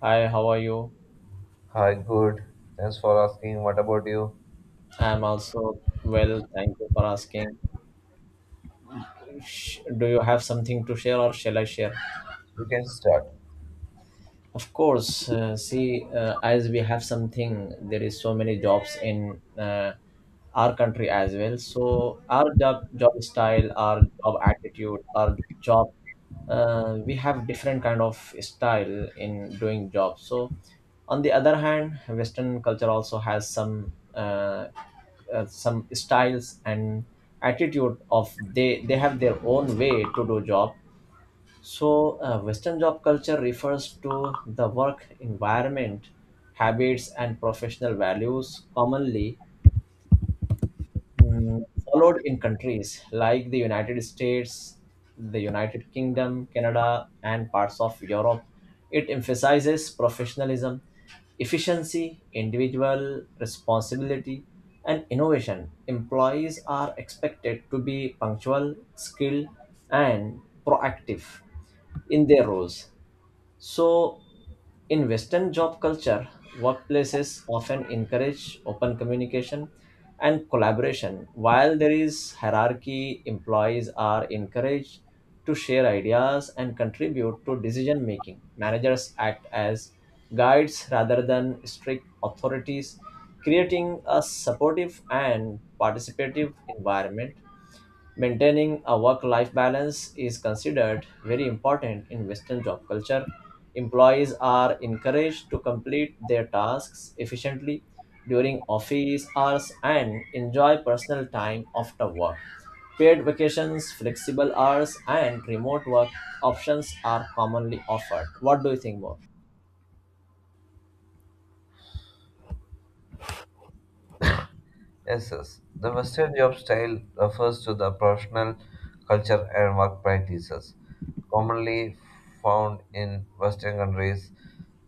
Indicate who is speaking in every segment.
Speaker 1: Hi, how are you?
Speaker 2: Hi, good. Thanks for asking. What about you?
Speaker 1: I'm also well, thank you for asking. Do you have something to share or shall I share?
Speaker 2: You can start.
Speaker 1: Of course, see, as we have something, there is so many jobs in our country as well. So our job style, our job attitude, our job, we have different kind of style in doing jobs. So on the other hand, Western culture also has some styles and attitude of they have their own way to do job so, Western job culture refers to the work environment, habits, and professional values commonly mm, followed in countries like the United States, the United Kingdom, Canada, and parts of Europe. It emphasizes professionalism, efficiency, individual responsibility, and innovation. Employees are expected to be punctual, skilled, and proactive in their roles so, in Western job culture, workplaces often encourage open communication and collaboration. While there is hierarchy, employees are encouraged to share ideas and contribute to decision making. Managers act as guides rather than strict authorities, creating a supportive and participative environment. Maintaining a work life balance is considered very important in Western job culture. Employees are encouraged to complete their tasks efficiently during office hours and enjoy personal time after work. Paid vacations, flexible hours, and remote work options are commonly offered. What do you think more?
Speaker 2: Yes, yes. The Western job style refers to the professional culture and work practices commonly found in Western countries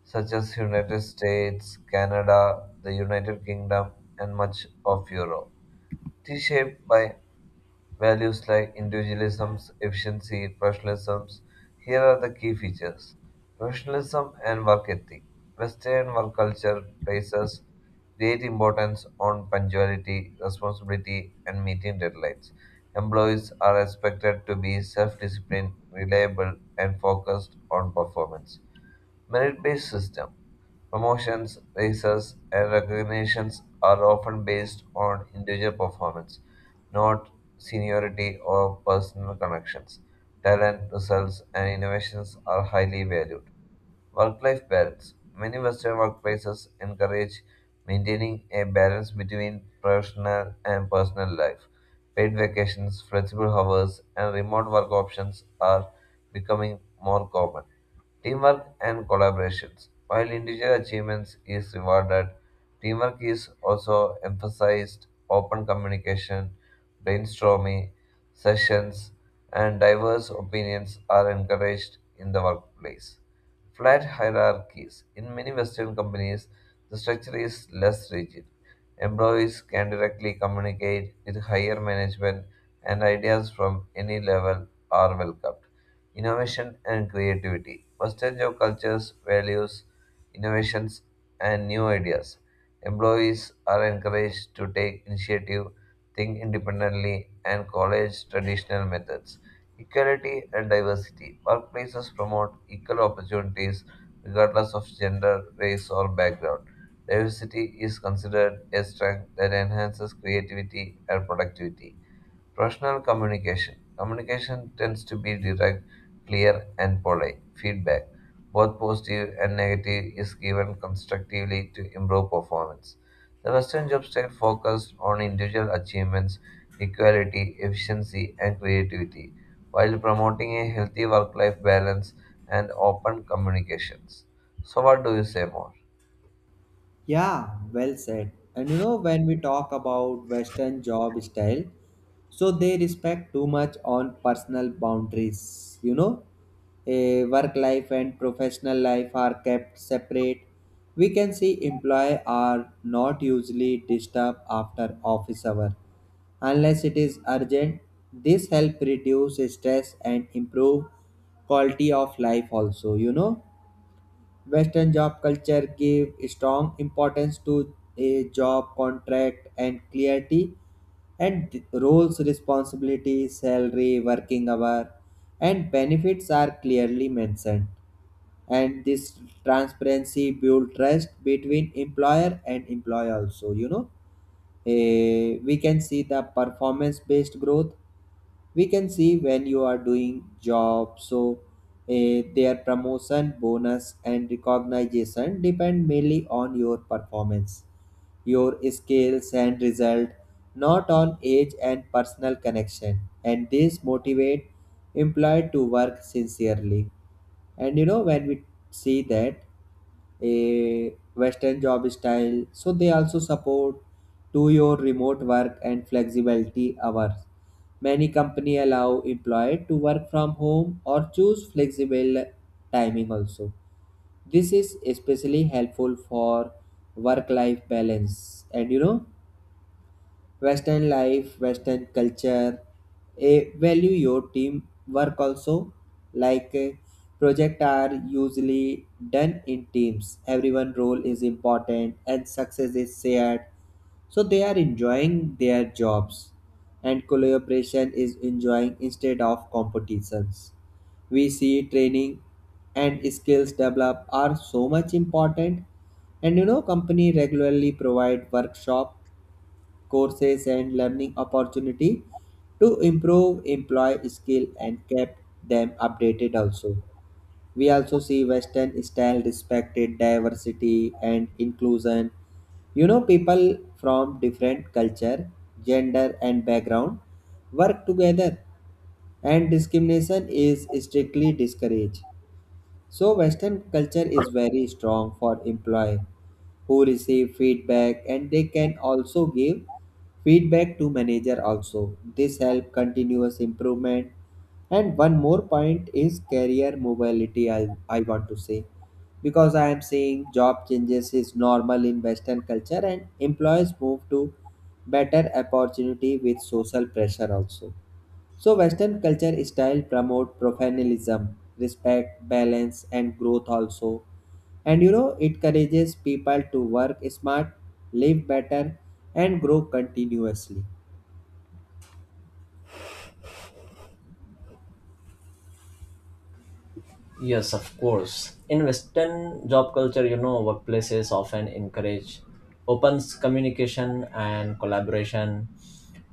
Speaker 2: such as United States, Canada, the United Kingdom, and much of Europe. It is shaped by values like individualism, efficiency, professionalism. Here are the key features professionalism and work ethic. Western work culture places great importance on punctuality, responsibility, and meeting deadlines. Employees are expected to be self disciplined, reliable, and focused on performance. Merit based system. Promotions, raises, and recognitions are often based on individual performance, not seniority or personal connections. Talent, results, and innovations are highly valued. Work life balance. Many Western workplaces encourage maintaining a balance between professional and personal life. Paid vacations, flexible hours, and remote work options are becoming more common. Teamwork and collaborations. While individual achievements is rewarded, teamwork is also emphasized. Open communication, brainstorming sessions, and diverse opinions are encouraged in the workplace. Flat hierarchies. In many Western companies, the structure is less rigid. Employees can directly communicate with higher management, and ideas from any level are welcomed innovation and creativity. Percentage of cultures, values, innovations, and new ideas. Employees are encouraged to take initiative, think independently, and college traditional methods. Equality and diversity. Workplaces promote equal opportunities regardless of gender, race, or background. Diversity is considered a strength that enhances creativity and productivity. Rational communication. Communication tends to be direct, clear, and polite. Feedback, both positive and negative, is given constructively to improve performance. The Western job style focuses on individual achievements, equality, efficiency, and creativity, while promoting a healthy work life balance and open communications. So, what do you say more?
Speaker 3: Yeah, well said. And you know, when we talk about Western job style, so they respect too much on personal boundaries. You know, a work life and professional life are kept separate. We can see employee are not usually disturbed after office hour unless it is urgent. This help reduce stress and improve quality of life also, you know Western job culture gave strong importance to a job contract and clarity and roles, responsibilities, salary, working hour, and benefits are clearly mentioned. And this transparency build trust between employer and employee also, you know. We can see the performance based growth. We can see when you are doing job, so their promotion bonus and recognition depend mainly on your performance, your skills and result, not on age and personal connection, and this motivate employee to work sincerely. And you know, when we see that a Western job style, so they also support to your remote work and flexibility hours. Many company allow employee to work from home or choose flexible timing also. This is especially helpful for work life balance. And you know, Western life, Western culture, a value your team work also, like project are usually done in teams. Everyone role is important and success is shared. So they are enjoying their jobs and collaboration is enjoying instead of competitions. We see training and skills develop are so much important, and you know company regularly provide workshop courses and learning opportunity to improve employee skill and kept them updated also. We also see Western style respected diversity and inclusion. You know, people from different culture, gender and background work together, and discrimination is strictly discouraged. So, Western culture is very strong for employee who receive feedback and they can also give feedback to manager also. This help continuous improvement. And one more point is career mobility. I want to say because I am seeing job changes is normal in Western culture and employees move to better opportunity with social pressure also. So Western culture style promote professionalism, respect, balance, and growth also. And you know, it encourages people to work smart, live better, and grow continuously.
Speaker 1: Yes, of course. In Western job culture, you know, workplaces often encourage open communication and collaboration.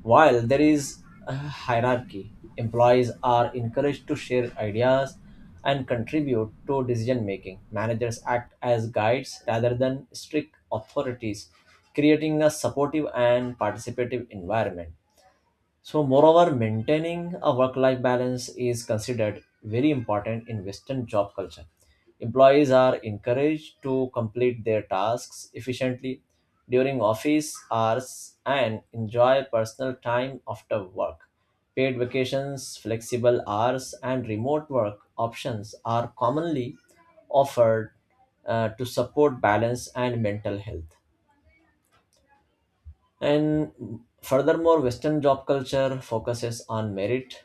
Speaker 1: While there is a hierarchy, employees are encouraged to share ideas and contribute to decision making. Managers act as guides rather than strict authorities, creating a supportive and participative environment. So, moreover, maintaining a work life balance is considered very important in Western job culture. Employees are encouraged to complete their tasks efficiently during office hours and enjoy personal time after work. Paid vacations, flexible hours, and remote work options are commonly offered, to support balance and mental health. And furthermore, Western job culture focuses on merit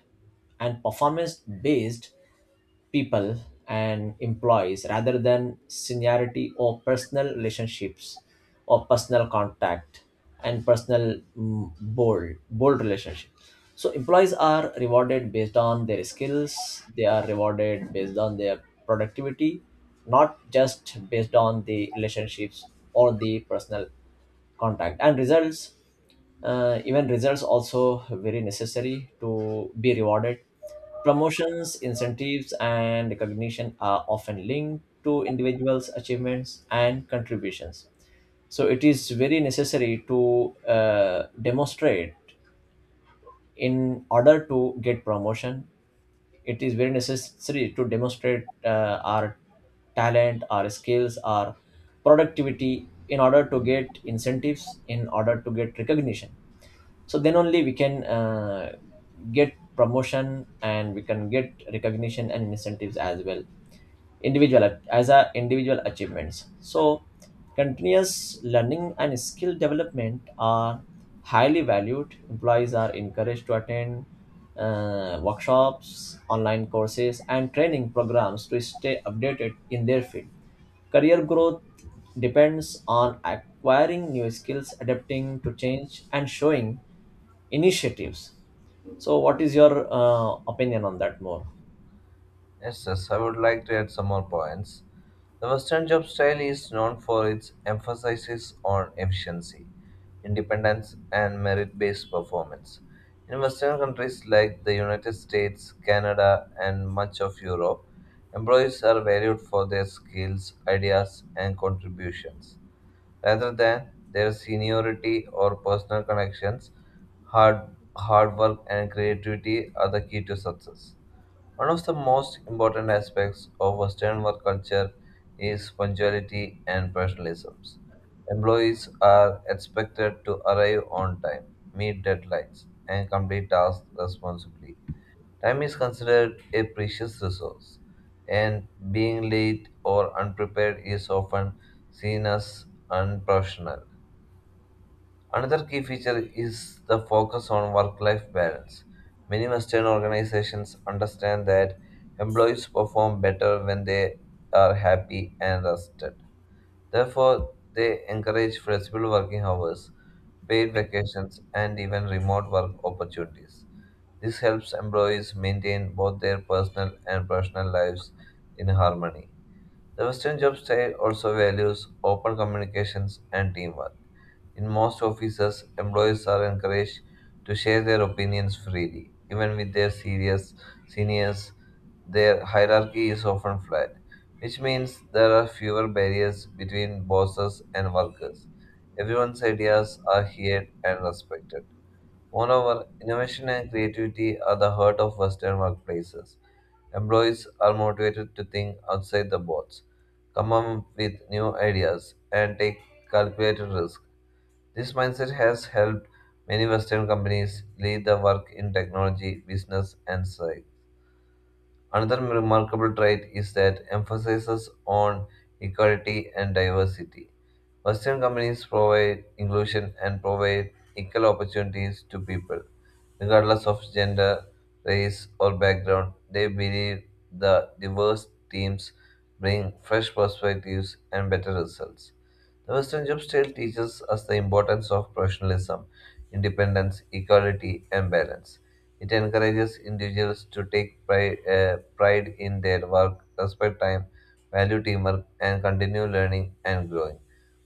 Speaker 1: and performance based people and employees rather than seniority or personal relationships or personal contact and personal bold relationship so employees are rewarded based on their skills, they are rewarded based on their productivity, not just based on the relationships or the personal contact and results. Even results also very necessary to be rewarded. Promotions, incentives, and recognition are often linked to individuals' achievements and contributions. So it is very necessary to demonstrate in order to get promotion. It is very necessary to demonstrate our talent, our skills, our productivity in order to get incentives, in order to get recognition, so then only we can get promotion and we can get recognition and incentives as well, individual as a individual achievements. So continuous learning and skill development are highly valued. Employees are encouraged to attend workshops, online courses, and training programs to stay updated in their field. Career growth depends on acquiring new skills, adapting to change, and showing initiatives. So, what is your opinion on that more?
Speaker 2: Yes, yes, I would like to add some more points. The Western job style is known for its emphasis on efficiency, independence, and merit based performance. In Western countries like the United States, Canada, and much of Europe, employees are valued for their skills, ideas, and contributions rather than their seniority or personal connections. Hard, hard work and creativity are the key to success. One of the most important aspects of Western work culture is punctuality and professionalism. Employees are expected to arrive on time, meet deadlines, and complete tasks responsibly. Time is considered a precious resource, and being late or unprepared is often seen as unprofessional. Another key feature is the focus on work life balance. Many Western organizations understand that employees perform better when they are happy and rested. Therefore, they encourage flexible working hours, paid vacations, and even remote work opportunities. This helps employees maintain both their personal and professional lives in harmony. The Western job style also values open communications and teamwork. In most offices, employees are encouraged to share their opinions freely, even with their serious seniors. Their hierarchy is often flat, which means there are fewer barriers between bosses and workers. Everyone's ideas are heard and respected. Moreover, innovation and creativity are the heart of Western workplaces. Employees are motivated to think outside the box, come up with new ideas, and take calculated risks. This mindset has helped many Western companies lead the work in technology, business, and science. Another remarkable trait is that emphasizes on equality and diversity. Western companies provide inclusion and provide equal opportunities to people, regardless of gender, race, or background. They believe the diverse teams bring fresh perspectives and better results. The Western job style teaches us the importance of professionalism, independence, equality, and balance. It encourages individuals to take pride, pride in their work, respect time, value teamwork, and continue learning and growing.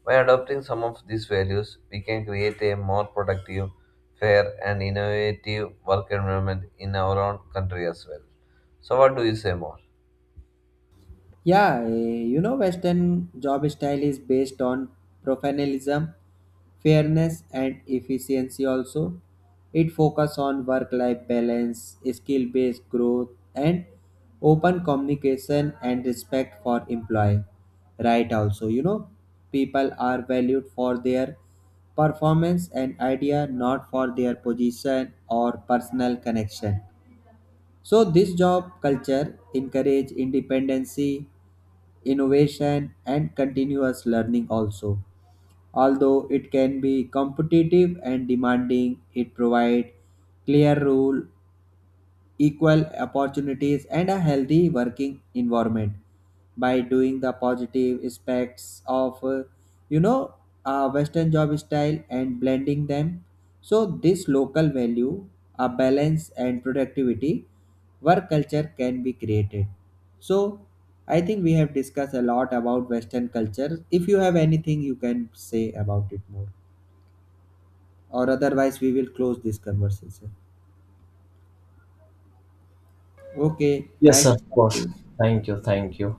Speaker 2: By adopting some of these values, we can create a more productive, fair, and innovative work environment in our own country as well. So, what do you say more?
Speaker 3: Yeah, you know, Western job style is based on professionalism, fairness, and efficiency. Also, it focuses on work-life balance, skill-based growth, and open communication and respect for employee. Right. Also, you know, people are valued for their performance and idea, not for their position or personal connection. So this job culture encourage independency, innovation and continuous learning also. Although it can be competitive and demanding, it provides clear rule, equal opportunities, and a healthy working environment. By doing the positive aspects of, you know, a Western job style and blending them, so this local value, a balance and productivity, work culture can be created. So I think we have discussed a lot about Western culture. If you have anything, you can say about it more, or otherwise we will close this conversation. Okay,
Speaker 1: Yes,
Speaker 3: nice
Speaker 1: of
Speaker 3: to talk to
Speaker 1: course.
Speaker 3: you.
Speaker 1: Thank you. Thank you.